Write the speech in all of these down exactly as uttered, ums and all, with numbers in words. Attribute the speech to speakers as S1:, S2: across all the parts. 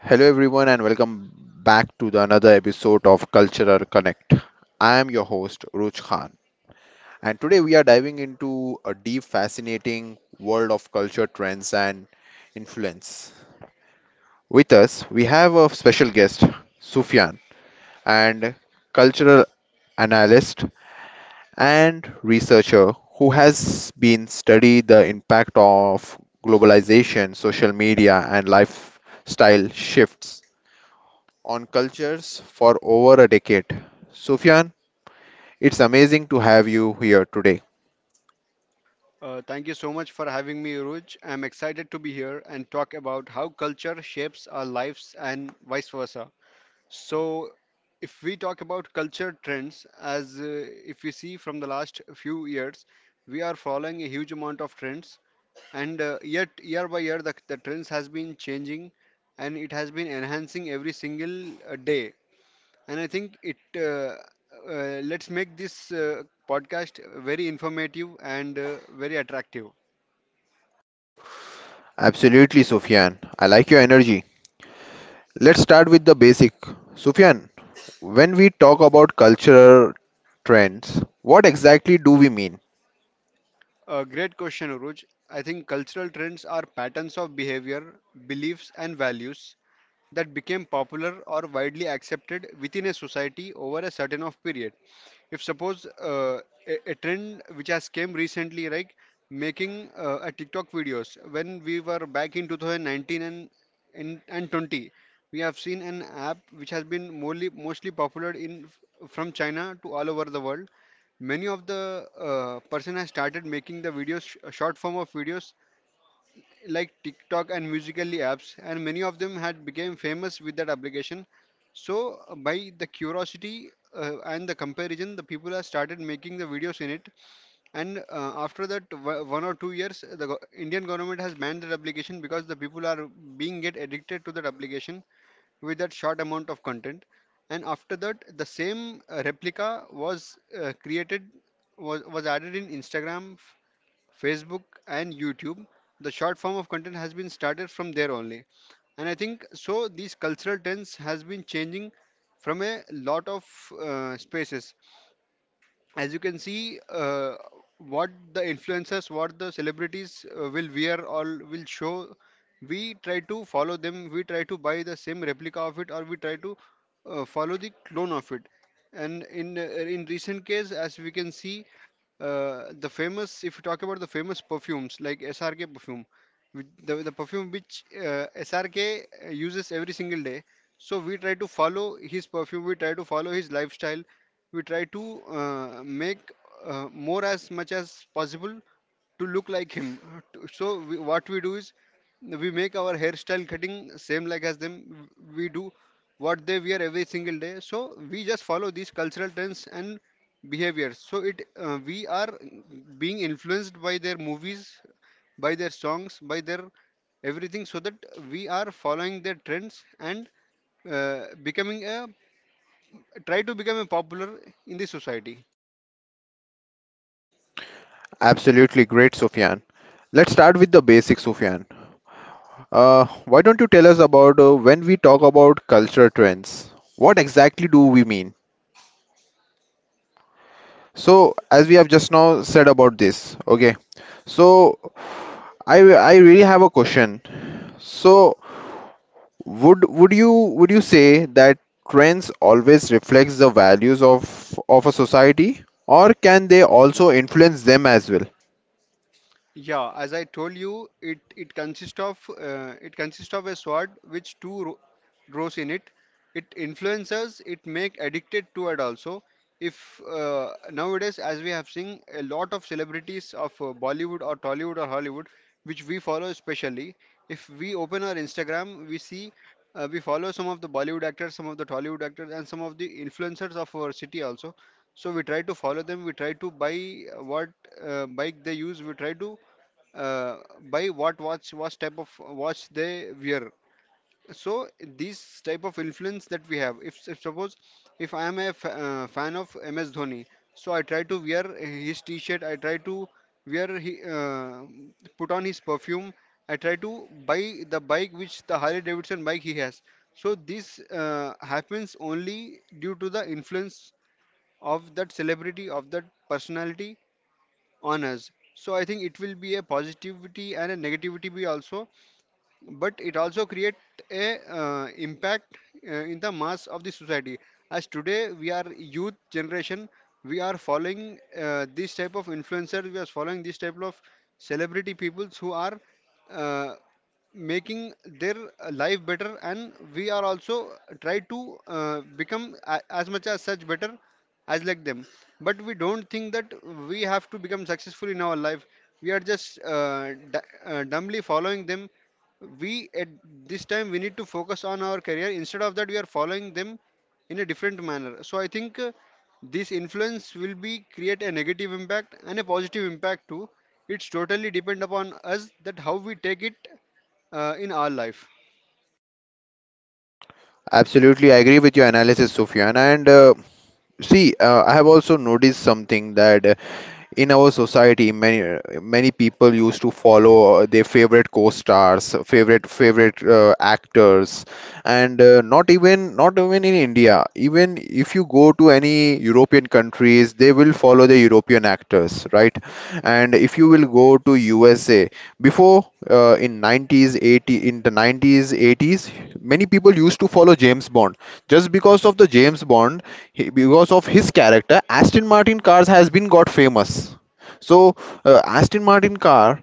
S1: Hello everyone and welcome back to the another episode of Cultural Connect. I am your host Ruch Khan, and today we are diving into a deep fascinating world of culture trends and influence. With us we have a special guest Sufyan, and cultural analyst and researcher who has been studied the impact of globalization, social media and lifestyle shifts on cultures for over a decade. Sufyan, it's amazing to have you here today.
S2: Uh, thank you so much for having me, Uruj. I'm excited to be here and talk about how culture shapes our lives and vice versa. So, if we talk about culture trends, as uh, if you see from the last few years, we are following a huge amount of trends, and uh, yet year by year the, the trends has been changing, and it has been enhancing every single uh, day. And I think it uh, uh, let's make this uh, podcast very informative and uh, very attractive.
S1: Absolutely, Sufyan. I like your energy. Let's start with the basic. Sufyan, when we talk about cultural trends, what exactly do we mean?
S2: A great question, Uruj. I think cultural trends are patterns of behavior, beliefs, and values that became popular or widely accepted within a society over a certain of period. If suppose uh, a, a trend which has came recently, like making uh, a TikTok videos, when we were back in twenty nineteen and and, and twenty, we have seen an app which has been mostly mostly popular in f- from China to all over the world. Many of the uh, person has started making the videos, sh- short form of videos like TikTok and Musically apps, and many of them had become famous with that application. So uh, by the curiosity uh, and the comparison, the people have started making the videos in it. And uh, after that, w- one or two years, the go- Indian government has banned that application because the people are being get addicted to that application with that short amount of content. And after that, the same uh, replica was uh, created, was, was added in Instagram, F- facebook, and YouTube. The short form of content has been started from there only. And I think so these cultural trends has been changing from a lot of uh, spaces. As you can see, uh, what the influencers, what the celebrities uh, will wear or will show, we try to follow them, we try to buy the same replica of it, or we try to uh, follow the clone of it. And in uh, in recent case, as we can see, uh, the famous if you talk about the famous perfumes like S R K perfume, which- the, the perfume which uh, S R K uses every single day. So we try to follow his perfume, we try to follow his lifestyle, we try to uh, make uh, more as much as possible to look like him. Uh, To- so we, what we do is we make our hairstyle cutting same like as them, we do what they wear every single day. So we just follow these cultural trends and behavior. So it uh, we are being influenced by their movies, by their songs, by their everything, so that we are following their trends and uh, becoming a try to become a popular in the society.
S1: Absolutely great, Sufyan. Let's start with the basic, Sufyan. Uh, why don't you tell us about uh, when we talk about culture trends? What exactly do we mean? So, as we have just now said about this, okay. So, I I really have a question. So, would would you would you say that trends always reflects the values of of a society, or can they also influence them as well?
S2: Yeah, as I told you, it it consists of uh, it consists of a sword which two ro- rows in it. It influences, it make addicted to it also. If uh, Nowadays, as we have seen, a lot of celebrities of uh, Bollywood or Tollywood or Hollywood, which we follow especially, if we open our Instagram, we see uh, we follow some of the Bollywood actors, some of the Tollywood actors, and some of the influencers of our city also. So we try to follow them. We try to buy uh, what uh, bike they use. We try to uh, by what watch what type of watch they wear. So these type of influence that we have, if, if suppose, if I am a f- uh, fan of M S Dhoni, so I try to wear his t-shirt, I try to wear he, uh, put on his perfume, I try to buy the bike which the Harley Davidson bike he has. So this uh, happens only due to the influence of that celebrity, of that personality, on us. So I think it will be a positivity and a negativity be also, but it also create a uh, impact uh, in the mass of the society. As today we are youth generation, we are following uh, this type of influencers, we are following this type of celebrity peoples who are uh, making their uh, life better, and we are also try to uh, become a, as much as such better as like them. But we don't think that we have to become successful in our life, we are just uh, d- uh, dumbly following them. We at this time, we need to focus on our career, instead of that we are following them in a different manner. So I think uh, this influence will be create a negative impact and a positive impact too. It's totally depend upon us that how we take it uh, in our life.
S1: Absolutely, I agree with your analysis, Sufyan. And uh, see, uh, I have also noticed something that in our society many many people used to follow uh, their favorite co-stars, favorite favorite uh, actors, and uh, not even not even in India, even if you go to any European countries, they will follow the European actors, right? And if you will go to USA before, uh, in nineties eighties in the nineties eighties, many people used to follow James Bond, just because of the James Bond, he, because of his character Aston Martin cars has been got famous. So uh, Aston Martin car,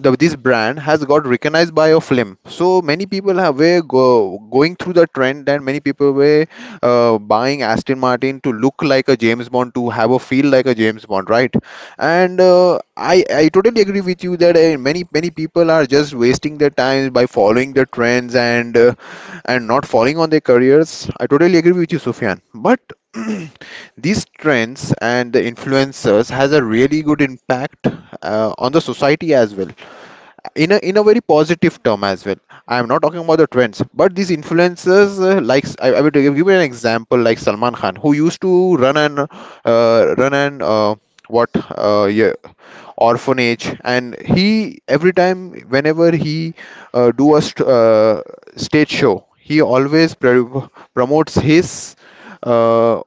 S1: the, this brand has got recognized by a film. So many people have were go, going through the trend, and many people were uh, buying Aston Martin to look like a James Bond, to have a feel like a James Bond, right? And uh, I, I totally agree with you that uh, many many people are just wasting their time by following the trends, and uh, and not falling on their careers. I totally agree with you, Sufyan. But these trends and the influencers has a really good impact uh, on the society as well. In a in a very positive term as well. I am not talking about the trends, but these influencers, uh, like, I, I will give you an example like Salman Khan, who used to run an uh, run an uh, what, uh, yeah, orphanage, and he every time whenever he uh, do a st- uh, stage show, he always pr- promotes his uh,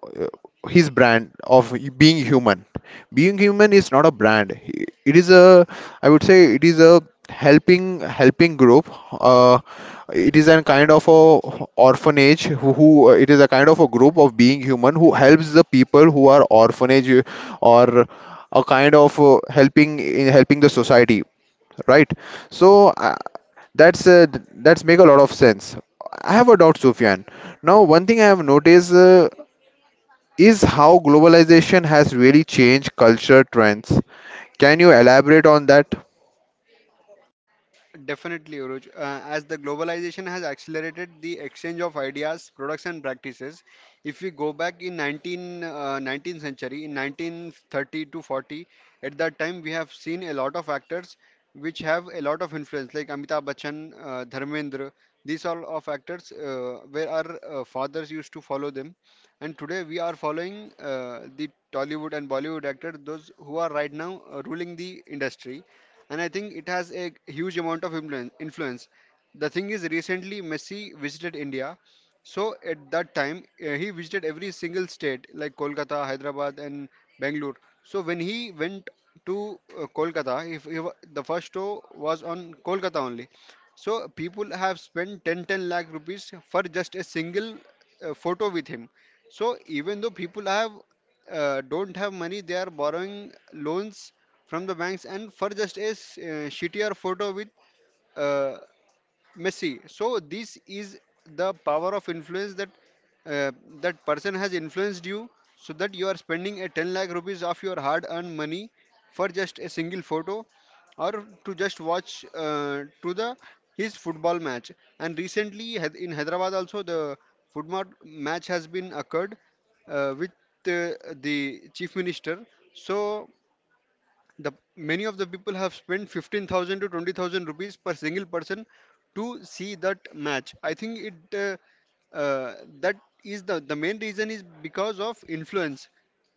S1: his brand of being human. Being human is not a brand, it is a i would say it is a helping helping group. Uh, it is a kind of a orphanage who, who uh, it is a kind of a group of being human who helps the people who are orphanage, or a kind of uh, helping in helping the society, right? So uh, that's uh, th- that's make a lot of sense. I have a doubt, Sufyan. Now one thing I have noticed, uh, is how globalization has really changed culture trends. Can you elaborate on that?
S2: Definitely, Uruj. Uh, as the globalization has accelerated the exchange of ideas, products, and practices, if we go back in nineteen, uh, nineteenth century, in nineteen thirty to forty, at that time we have seen a lot of actors which have a lot of influence, like Amitabh Bachchan, uh, Dharmendra. These all of actors uh, where our uh, fathers used to follow them, and today we are following uh, the Tollywood and Bollywood actors, those who are right now uh, ruling the industry. And I think it has a huge amount of influen- influence. The thing is, recently Messi visited India, so at that time uh, he visited every single state like Kolkata, Hyderabad, and Bangalore. So when he went to uh, Kolkata, if he, wa- the first show was on Kolkata only. So people have spent 10 10 lakh rupees for just a single uh, photo with him. So even though people have uh, don't have money, they are borrowing loans from the banks, and for just a s- uh, shittier photo with uh, messy. So this is the power of influence, that uh, that person has influenced you, so that you are spending a ten lakh rupees of your hard earned money for just a single photo, or to just watch uh, to the his football match. And recently, Hy- in Hyderabad also, the football match has been occurred uh, with uh, the chief minister. So the many of the people have spent fifteen thousand to twenty thousand rupees per single person to see that match. I think it uh, uh, that is the the main reason is because of influence.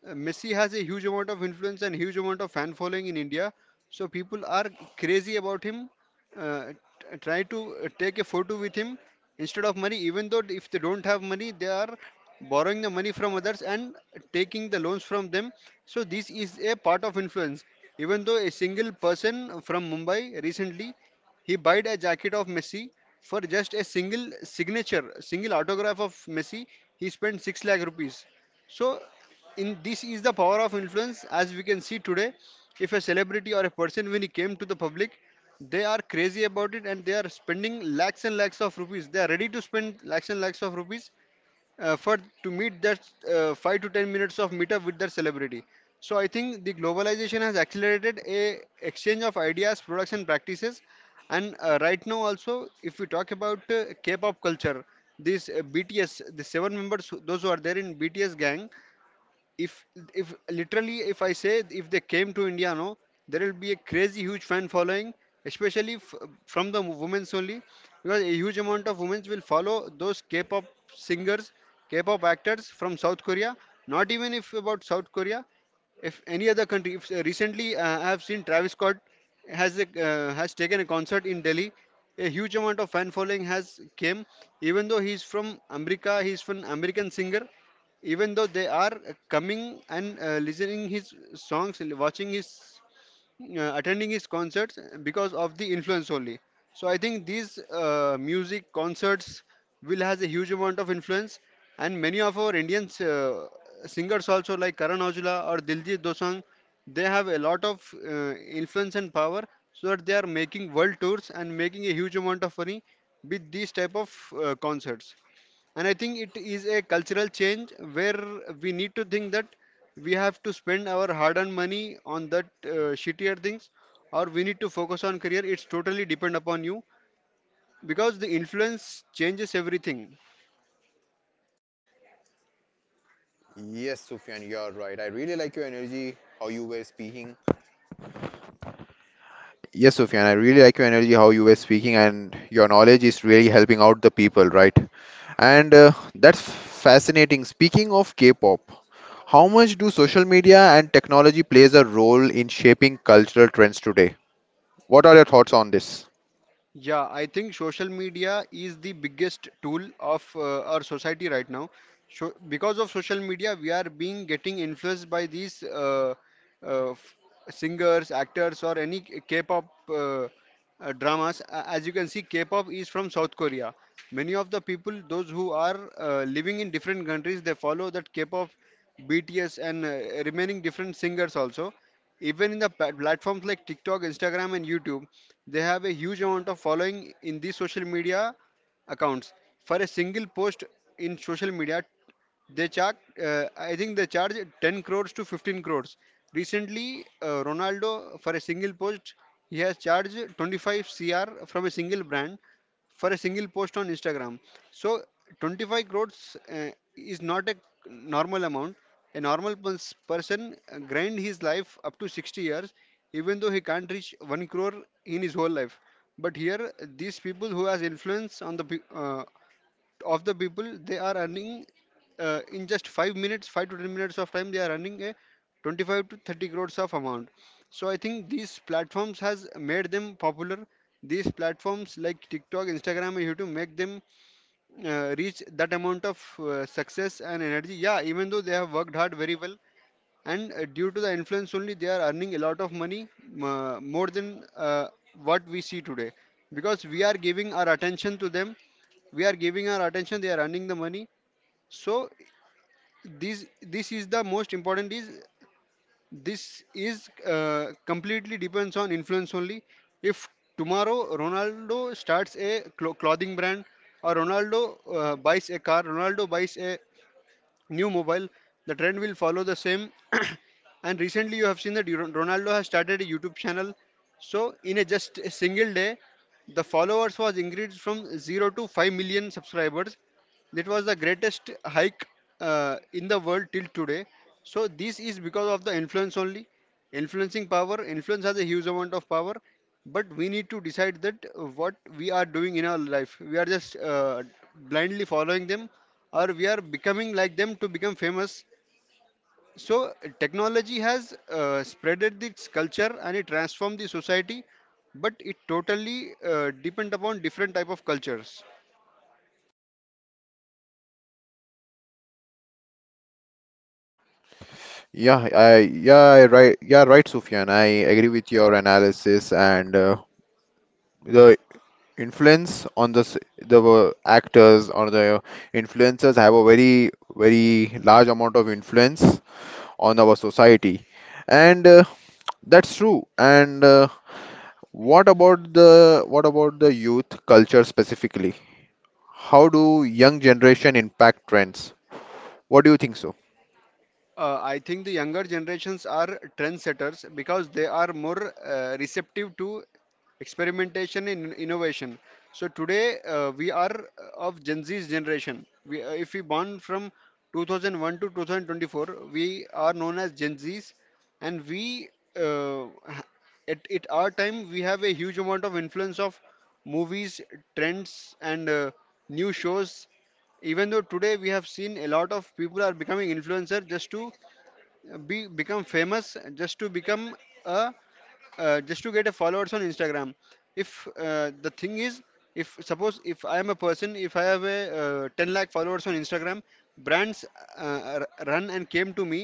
S2: Uh, Messi has a huge amount of influence and huge amount of fan following in India, so people are crazy about him. Uh, t- try to uh, take a photo with him, instead of money, even though if they don't have money, they are borrowing the money from others and taking the loans from them. So this is a part of influence. Even though a single person from Mumbai recently, he bought a jacket of Messi for just a single signature, single autograph of Messi, he spent six lakh rupees. So in this is the power of influence as we can see today. If a celebrity or a person, when he came to the public, they are crazy about it and they are spending lakhs and lakhs of rupees. They are ready to spend lakhs and lakhs of rupees uh, for to meet that uh, five to ten minutes of meetup with their celebrity. So I think the globalization has accelerated a exchange of ideas, products, and practices. And uh, right now also, if we talk about uh, K-pop culture, this uh, B T S, the seven members, who- those who are there in B T S gang, if if literally, if I say, if they came to India, no, there will be a crazy huge fan following, especially f- from the women's only, because a huge amount of women will follow those K-pop singers, K-pop actors from South Korea. Not even if about South Korea, if any other country, if uh, recently uh, I have seen Travis Scott has a, uh, has taken a concert in Delhi, a huge amount of fan following has came. Even though he's from America, he's from American singer, even though they are uh, coming and uh, listening his songs and watching his uh, attending his concerts uh, because of the influence only. So I think these uh, music concerts will has a huge amount of influence. And many of our Indian uh, singers also, like Karan Aujla or Diljit Dosanjh, they have a lot of uh, influence and power, so that they are making world tours and making a huge amount of money with these type of uh, concerts. And I think it is a cultural change where we need to think that we have to spend our hard-earned money on that uh, shittier things, or we need to focus on career. It's totally depend upon you because the influence changes everything.
S1: Yes, Sufyan, you're right. I really like your energy, how you were speaking. Yes, Sufyan, I really like your energy, how you were speaking, and your knowledge is really helping out the people, right? And uh, that's fascinating. Speaking of K-pop, how much do social media and technology plays a role in shaping cultural trends today? What are your thoughts on this?
S2: Yeah, I think social media is the biggest tool of uh, our society right now. So because of social media, we are being getting influenced by these uh, uh, f- singers, actors, or any K- K-pop uh, uh, dramas. A- As you can see, K-pop is from South Korea. Many of the people, those who are uh, living in different countries, they follow that K-pop, B T S, and uh, remaining different singers also, even in the pla- platforms like TikTok, Instagram, and YouTube. They have a huge amount of following in these social media accounts. For a single post in social media, they charge. Uh, I think they charge ten crores to fifteen crores. Recently, uh, Ronaldo, for a single post, he has charged twenty-five cr from a single brand, for a single post on Instagram. So twenty-five crores uh, is not a normal amount. A normal pers- person uh, grind his life up to sixty years, even though he can't reach one crore in his whole life. But here, these people who has influence on the pe- uh, of the people, they are earning uh, in just five minutes five to ten minutes of time, they are earning a twenty-five to thirty crores of amount. So I think these platforms has made them popular. These platforms like TikTok, Instagram, and YouTube make them uh, reach that amount of uh, success and energy. Yeah, even though they have worked hard very well, and uh, due to the influence only, they are earning a lot of money, uh, more than uh, what we see today, because we are giving our attention to them. We are giving our attention, they are earning the money. So this this is the most important, is this is uh, completely depends on influence only. If tomorrow Ronaldo starts a clo- clothing brand, or Ronaldo uh, buys a car, Ronaldo buys a new mobile, the trend will follow the same. And recently, you have seen that Ro- Ronaldo has started a YouTube channel. So, in a just a single day, the followers was increased from zero to five million subscribers. That was the greatest hike uh, in the world till today. So this is because of the influence only. Influencing power, influence has a huge amount of power, but we need to decide that what we are doing in our life. We are just uh, blindly following them, or we are becoming like them to become famous. So technology has uh, spreaded its culture and it transformed the society, but it totally uh, depend upon different type of cultures.
S1: Yeah, I yeah I right yeah right, Sufyan. I agree with your analysis, and uh, the influence on the s- the uh, actors or the influencers have a very very large amount of influence on our society, and uh, that's true. And uh, what about the what about the youth culture specifically, how do young generation impact trends? What do you think so?
S2: Uh, I think the younger generations are trendsetters because they are more uh, receptive to experimentation and innovation. So today uh, we are of Gen Z's generation. We, uh, if we born from two thousand one to twenty twenty-four, we are known as Gen Z's, and we uh, ha- at, at our time we have a huge amount of influence of movies, trends, and uh, new shows. Even though today we have seen a lot of people are becoming influencer just to be become famous, just to become a, uh, just to get a followers on Instagram. If uh, the thing is, if suppose if I am a person, if I have a uh, ten lakh followers on Instagram, brands uh, r- run and came to me.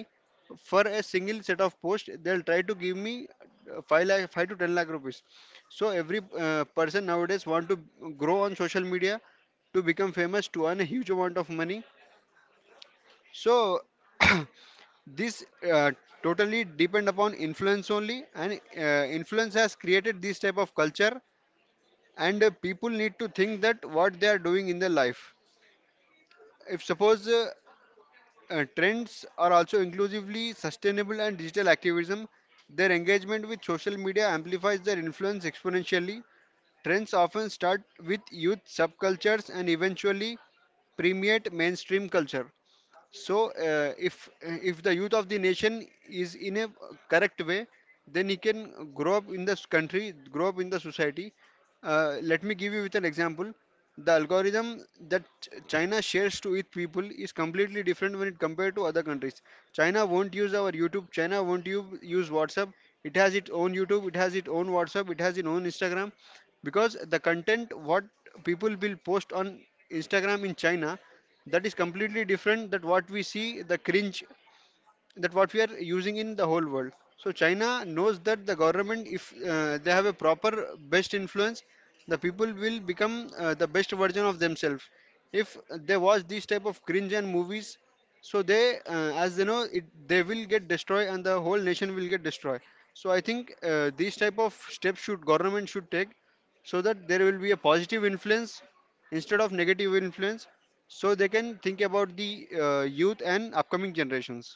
S2: For a single set of post, they'll try to give me uh, five lakh five to ten lakh rupees. So every uh, person nowadays want to grow on social media, to become famous, to earn a huge amount of money. So this uh, totally depend upon influence only, and uh, influence has created this type of culture, and uh, people need to think that what they are doing in their life. If suppose uh, uh, trends are also inclusively sustainable and digital activism, their engagement with social media amplifies their influence exponentially. Trends often start with youth subcultures and eventually permeate mainstream culture. So, uh, if if the youth of the nation is in a correct way, then he can grow up in this country, grow up in the society. Uh, let me give you with an example. The algorithm that Ch- China shares to its people is completely different when it compared to other countries. China won't use our YouTube. China won't u- use WhatsApp. It has its own YouTube. It has its own WhatsApp. It has its own Instagram, because the content what people will post on Instagram in China, that is completely different that what we see, the cringe that what we are using in the whole world. So China knows that the government, if uh, they have a proper best influence, the people will become uh, the best version of themselves. If they watch these type of cringe and movies, so they, uh, as they know, it they will get destroyed and the whole nation will get destroyed. So I think uh, these type of steps should government should take, so that there will be a positive influence instead of negative influence, so they can think about the uh, youth and upcoming generations.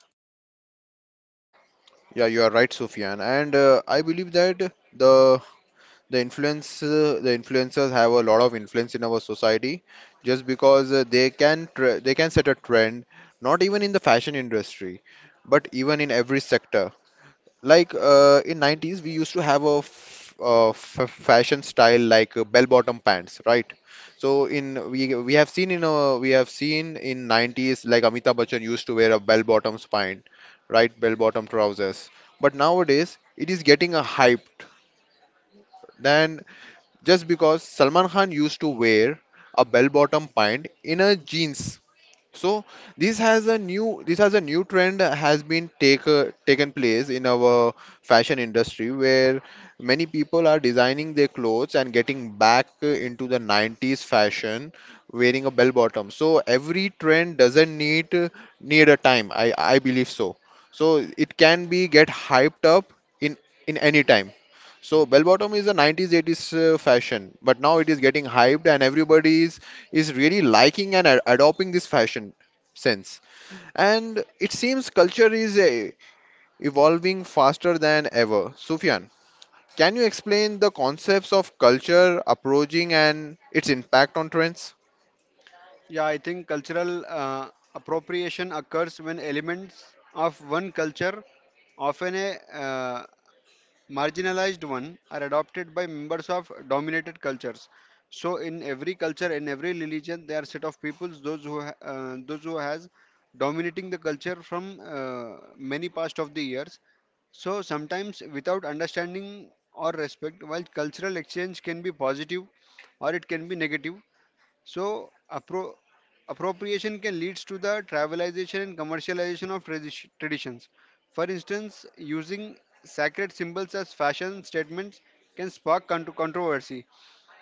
S1: Yeah, you are right, Sufyan. And uh, I believe that the the influence, uh, the influencers have a lot of influence in our society, just because uh, they can tr they can set a trend, not even in the fashion industry but even in every sector. Like, uh, in nineties we used to have a f uh, f fashion style, like, uh, bell bottom pants, right? So in we we have seen in uh, we have seen in nineties, like, Amitabh Bachchan used to wear a bell bottom pant, right? Bell bottom trousers. But nowadays it is getting a hyped. Then, just because Salman Khan used to wear a bell-bottom pant in a jeans. So this has a new this has a new trend has been take uh, taken place in our fashion industry, where many people are designing their clothes and getting back uh, into the nineties fashion, wearing a bell bottom. So every trend doesn't need uh, need a time. I I believe so. So it can be get hyped up in in any time. So bell bottom is a nineties eighties uh, fashion, but now it is getting hyped and everybody is is really liking and ad- adopting this fashion sense. And it seems culture is uh, evolving faster than ever. Sufyan, can you explain the concepts of culture approaching and its impact on trends?
S2: Yeah, I think cultural uh, appropriation occurs when elements of one culture, often a uh, marginalized one, are adopted by members of dominated cultures. So, in every culture, in every religion, there are set of peoples those who ha- uh, those who has dominating the culture from uh, many past of the years. So sometimes without understanding or respect, while cultural exchange can be positive or it can be negative, so, appro- appropriation can lead to the trivialization and commercialization of tradi- traditions. For instance, using sacred symbols as fashion statements can spark con- controversy.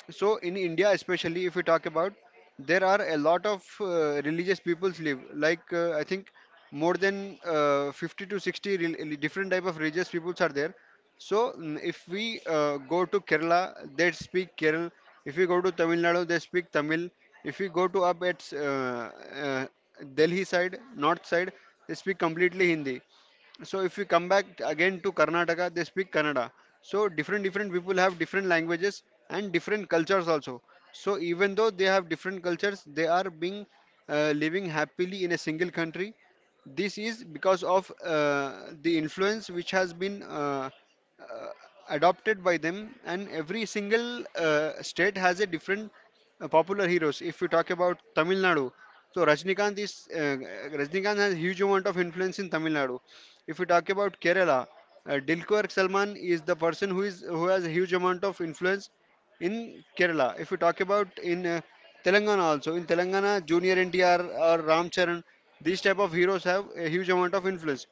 S2: So in India, especially if we talk about, there are a lot of uh, religious peoples live. Like uh, I think more than uh, fifty to sixty rel- different type of religious peoples are there. So mm, if we uh, go to Kerala, they speak Kerala. If we go to Tamil Nadu, they speak Tamil. If we go to up at uh, uh, Delhi side, north side, they speak completely Hindi. So if you come back again to Karnataka, they speak Kannada. So different different people have different languages and different cultures also. So even though they have different cultures, they are being uh, living happily in a single country. This is because of uh, the influence which has been uh, uh, adopted by them, and every single uh, state has a different uh, popular heroes. If you talk about Tamil Nadu, so Rajnikant is uh, Rajnikant has huge amount of influence in Tamil Nadu. If you talk about Kerala, uh, Dilquer Salman is the person who is who has a huge amount of influence in Kerala. If we talk about in uh, Telangana also, in Telangana, Junior N T R or Ram Charan, these type of heroes have a huge amount of influence.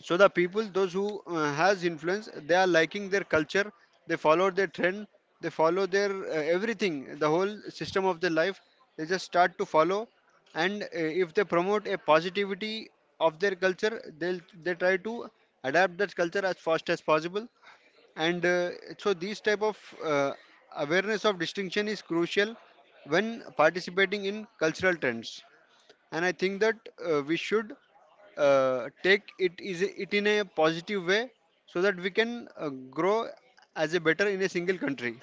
S2: So the people, those who uh, has influence, they are liking their culture, they follow their trend, they follow their uh, everything, the whole system of their life. They just start to follow, and uh, if they promote a positivity of their culture, they'll they try to adapt that culture as fast as possible, and uh, so these type of uh, awareness of distinction is crucial when participating in cultural trends. And I think that uh, we should uh, take it is it in a positive way, so that we can uh, grow as a better in a single country.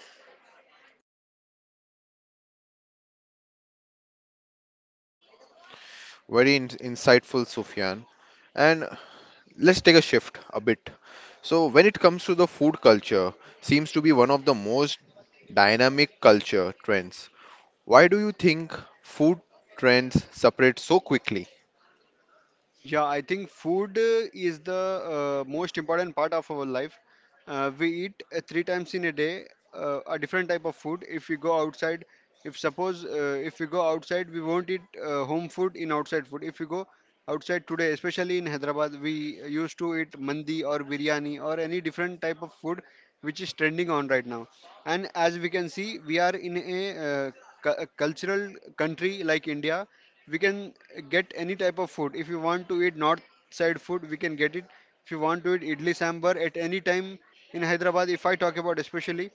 S1: Very in- insightful, Sufyan. And let's take a shift a bit. So when it comes to the food culture, seems to be one of the most dynamic culture trends. Why do you think food trends separate so quickly?
S2: Yeah, I think food uh, is the uh, most important part of our life. Uh, we eat uh, three times in a day, uh, a different type of food. If we go outside, if suppose uh, if we go outside, we won't eat uh, home food in outside food. If we go outside today, especially in Hyderabad, we used to eat mandi or biryani or any different type of food which is trending on right now. And as we can see, we are in a uh, cu- uh, cultural country like India. We can get any type of food. If you want to eat north side food, we can get it. If you want to eat idli sambar at any time in Hyderabad, if I talk about especially,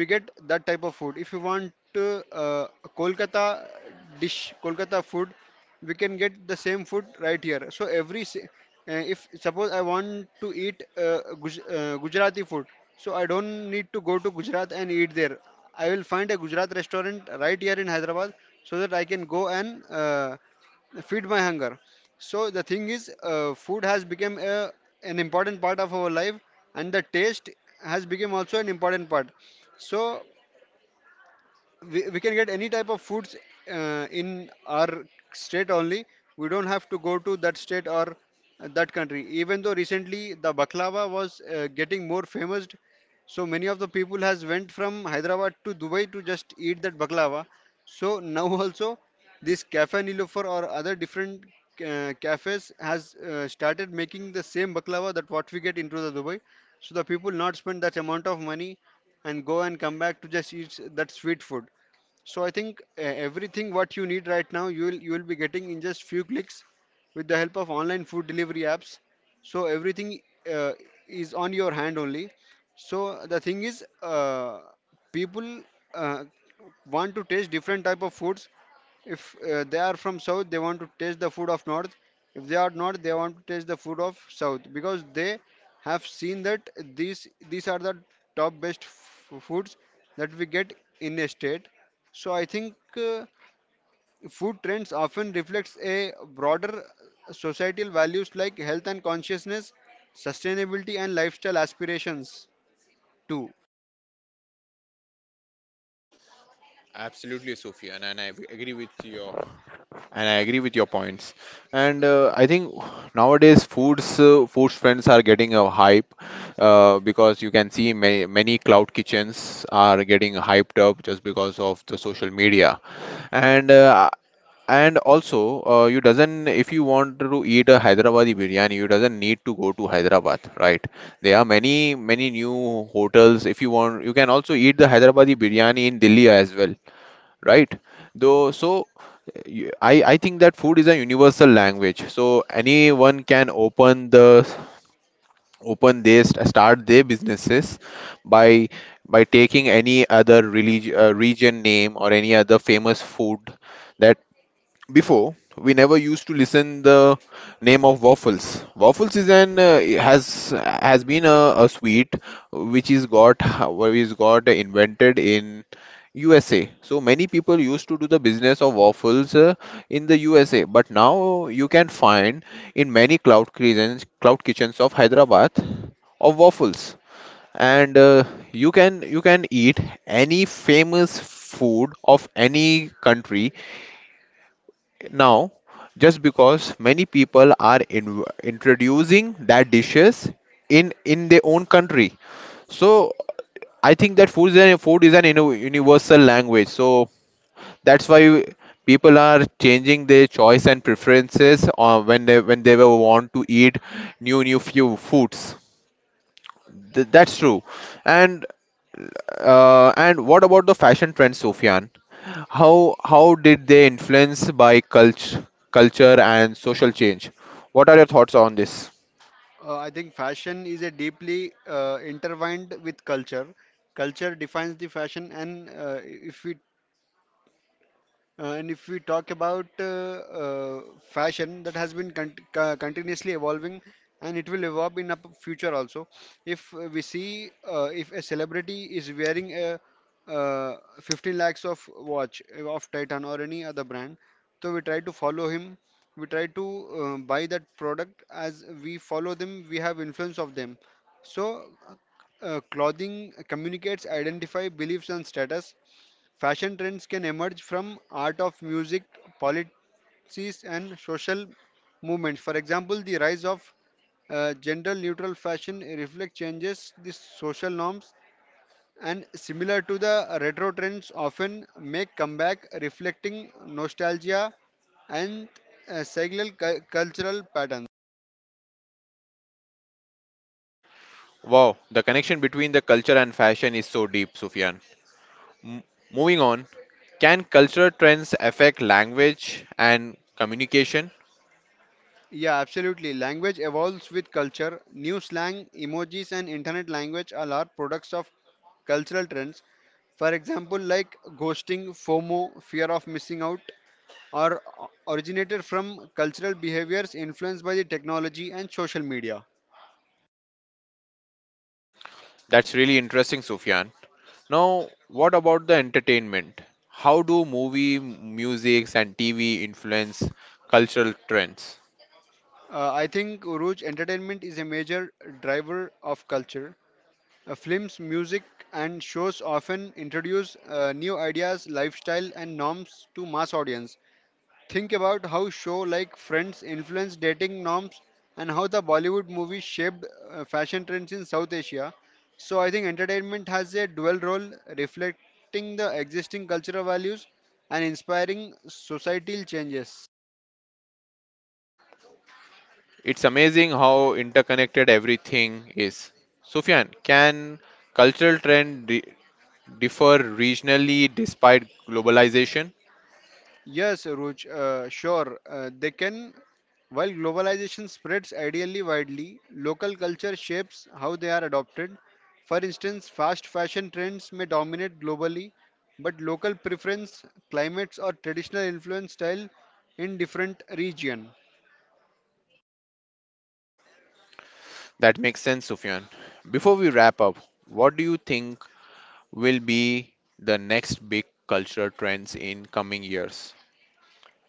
S2: we get that type of food. If you want uh, uh, Kolkata dish, Kolkata food, we can get the same food right here. So every si- uh, if suppose I want to eat uh, Guj- uh, Gujarati food, so I don't need to go to Gujarat and eat there. I will find a Gujarat restaurant right here in Hyderabad, so that I can go and uh, feed my hunger. So the thing is, uh, food has become a, an important part of our life, and the taste has become also an important part. So we, we can get any type of foods uh, in our state only. We don't have to go to that state or that country. Even though recently the baklava was uh, getting more famous, so many of the people has went from Hyderabad to Dubai to just eat that baklava. So now also this cafe Nilofer or other different uh, cafes has uh, started making the same baklava that what we get into the Dubai. So the people not spend that amount of money and go and come back to just eat that sweet food. So I think uh, everything what you need right now you will you will be getting in just few clicks with the help of online food delivery apps. So everything uh, is on your hand only. So the thing is, uh, people uh, want to taste different type of foods. If uh, they are from south, they want to taste the food of north. If they are north, they want to taste the food of south because they have seen that these these are the top best f- foods that we get in a state. So I think uh, food trends often reflects a broader societal values like health and consciousness, sustainability and lifestyle aspirations too.
S1: Absolutely, Sophia, and, and I ag- agree with your and I agree with your points. And uh, I think nowadays foods uh, food trends are getting a hype, uh, because you can see many, many cloud kitchens are getting hyped up just because of the social media. And uh, And also, uh, you doesn't, if you want to eat a Hyderabadi biryani, you doesn't need to go to Hyderabad, right? There are many many new hotels. If you want, you can also eat the Hyderabadi biryani in Delhi as well, right? Though, so you- I I think that food is a universal language. So anyone can open the open their st- start their businesses by by taking any other religion uh, region name or any other famous food, that before we never used to listen the name of waffles waffles is an uh, has has been a, a sweet which is got which is got invented in U S A, so many people used to do the business of waffles uh, in the U S A, but now you can find in many cloud kitchens cloud kitchens of Hyderabad of waffles. And uh, you can you can eat any famous food of any country now, just because many people are in, introducing that dishes in in their own country, so I think that food is an, food is an uni- universal language. So that's why people are changing their choice and preferences uh, when they when they will want to eat new new few foods. Th- that's true. And uh, and what about the fashion trends, Sufyan? How how did they influence by culture, culture and social change? What are your thoughts on this?
S2: Uh, I think fashion is a deeply uh, intertwined with culture. Culture defines the fashion and uh, if we Uh, and if we talk about uh, uh, fashion, that has been con co- continuously evolving, and it will evolve in up future also. If uh, we see uh, if a celebrity is wearing a uh, fifteen lakhs of watch uh, of Titan or any other brand, so we try to follow him. We try to uh, buy that product as we follow them. We have influence of them. So, uh, clothing communicates identify beliefs and status. Fashion trends can emerge from art of music, policies, and social movements. For example, the rise of uh, gender neutral fashion reflects changes the social norms and similar to the retro trends often make comeback reflecting nostalgia and uh, cyclical cu- cultural patterns.
S1: Wow, the connection between the culture and fashion is so deep, Sufyan. M- Moving on, can cultural trends affect language and communication?
S2: Yeah, absolutely. Language evolves with culture. New slang, emojis, and internet language are large products of cultural trends. For example, like ghosting, FOMO, fear of missing out, are originated from cultural behaviors influenced by the technology and social media.
S1: That's really interesting, Sufyan. Now, what about the entertainment? How do movie, music, and T V influence cultural trends?
S2: Uh, I think Uruj entertainment is a major driver of culture. Uh, films, music, and shows often introduce uh, new ideas, lifestyle, and norms to mass audience. Think about how show like Friends influenced dating norms and how the Bollywood movies shaped uh, fashion trends in South Asia. So I think entertainment has a dual role reflecting the existing cultural values and inspiring societal changes.
S1: It's amazing how interconnected everything is. Sufyan, can cultural trend di- differ regionally despite globalization?
S2: Yes, Ruj, uh, sure. Uh, they can. While globalization spreads ideally widely, local culture shapes how they are adopted. For instance, fast fashion trends may dominate globally, but local preference, climates, or traditional influence style in different region.
S1: That makes sense, Sufyan. Before we wrap up, what do you think will be the next big cultural trends in coming years?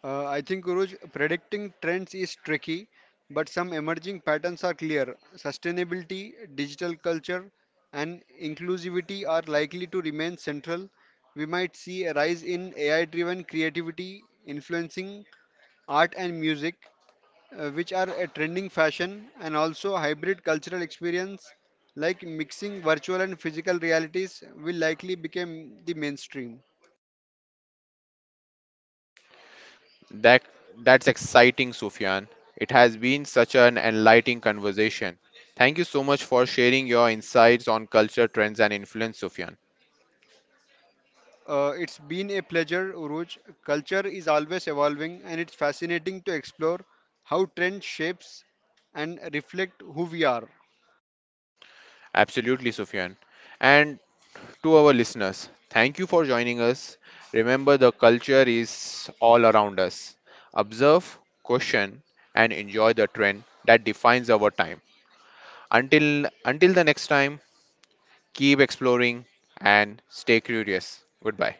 S2: Uh, I think, Guruj, predicting trends is tricky, but some emerging patterns are clear. Sustainability, digital culture, and inclusivity are likely to remain central. We might see a rise in A I driven creativity influencing art and music, uh, which are a trending fashion, and also hybrid cultural experience like mixing virtual and physical realities will likely become the mainstream.
S1: That that's exciting, Sufyan. It has been such an enlightening conversation. Thank you so much for sharing your insights on culture trends and influence, Sufyan.
S2: Uh, it's been a pleasure, Uruj. Culture is always evolving, and it's fascinating to explore how trend shapes and reflect who we are.
S1: Absolutely, Sufyan. And to our listeners, thank you for joining us. Remember, the culture is all around us. Observe, question, and enjoy the trend that defines our time. Until until the next time, keep exploring and stay curious. Goodbye.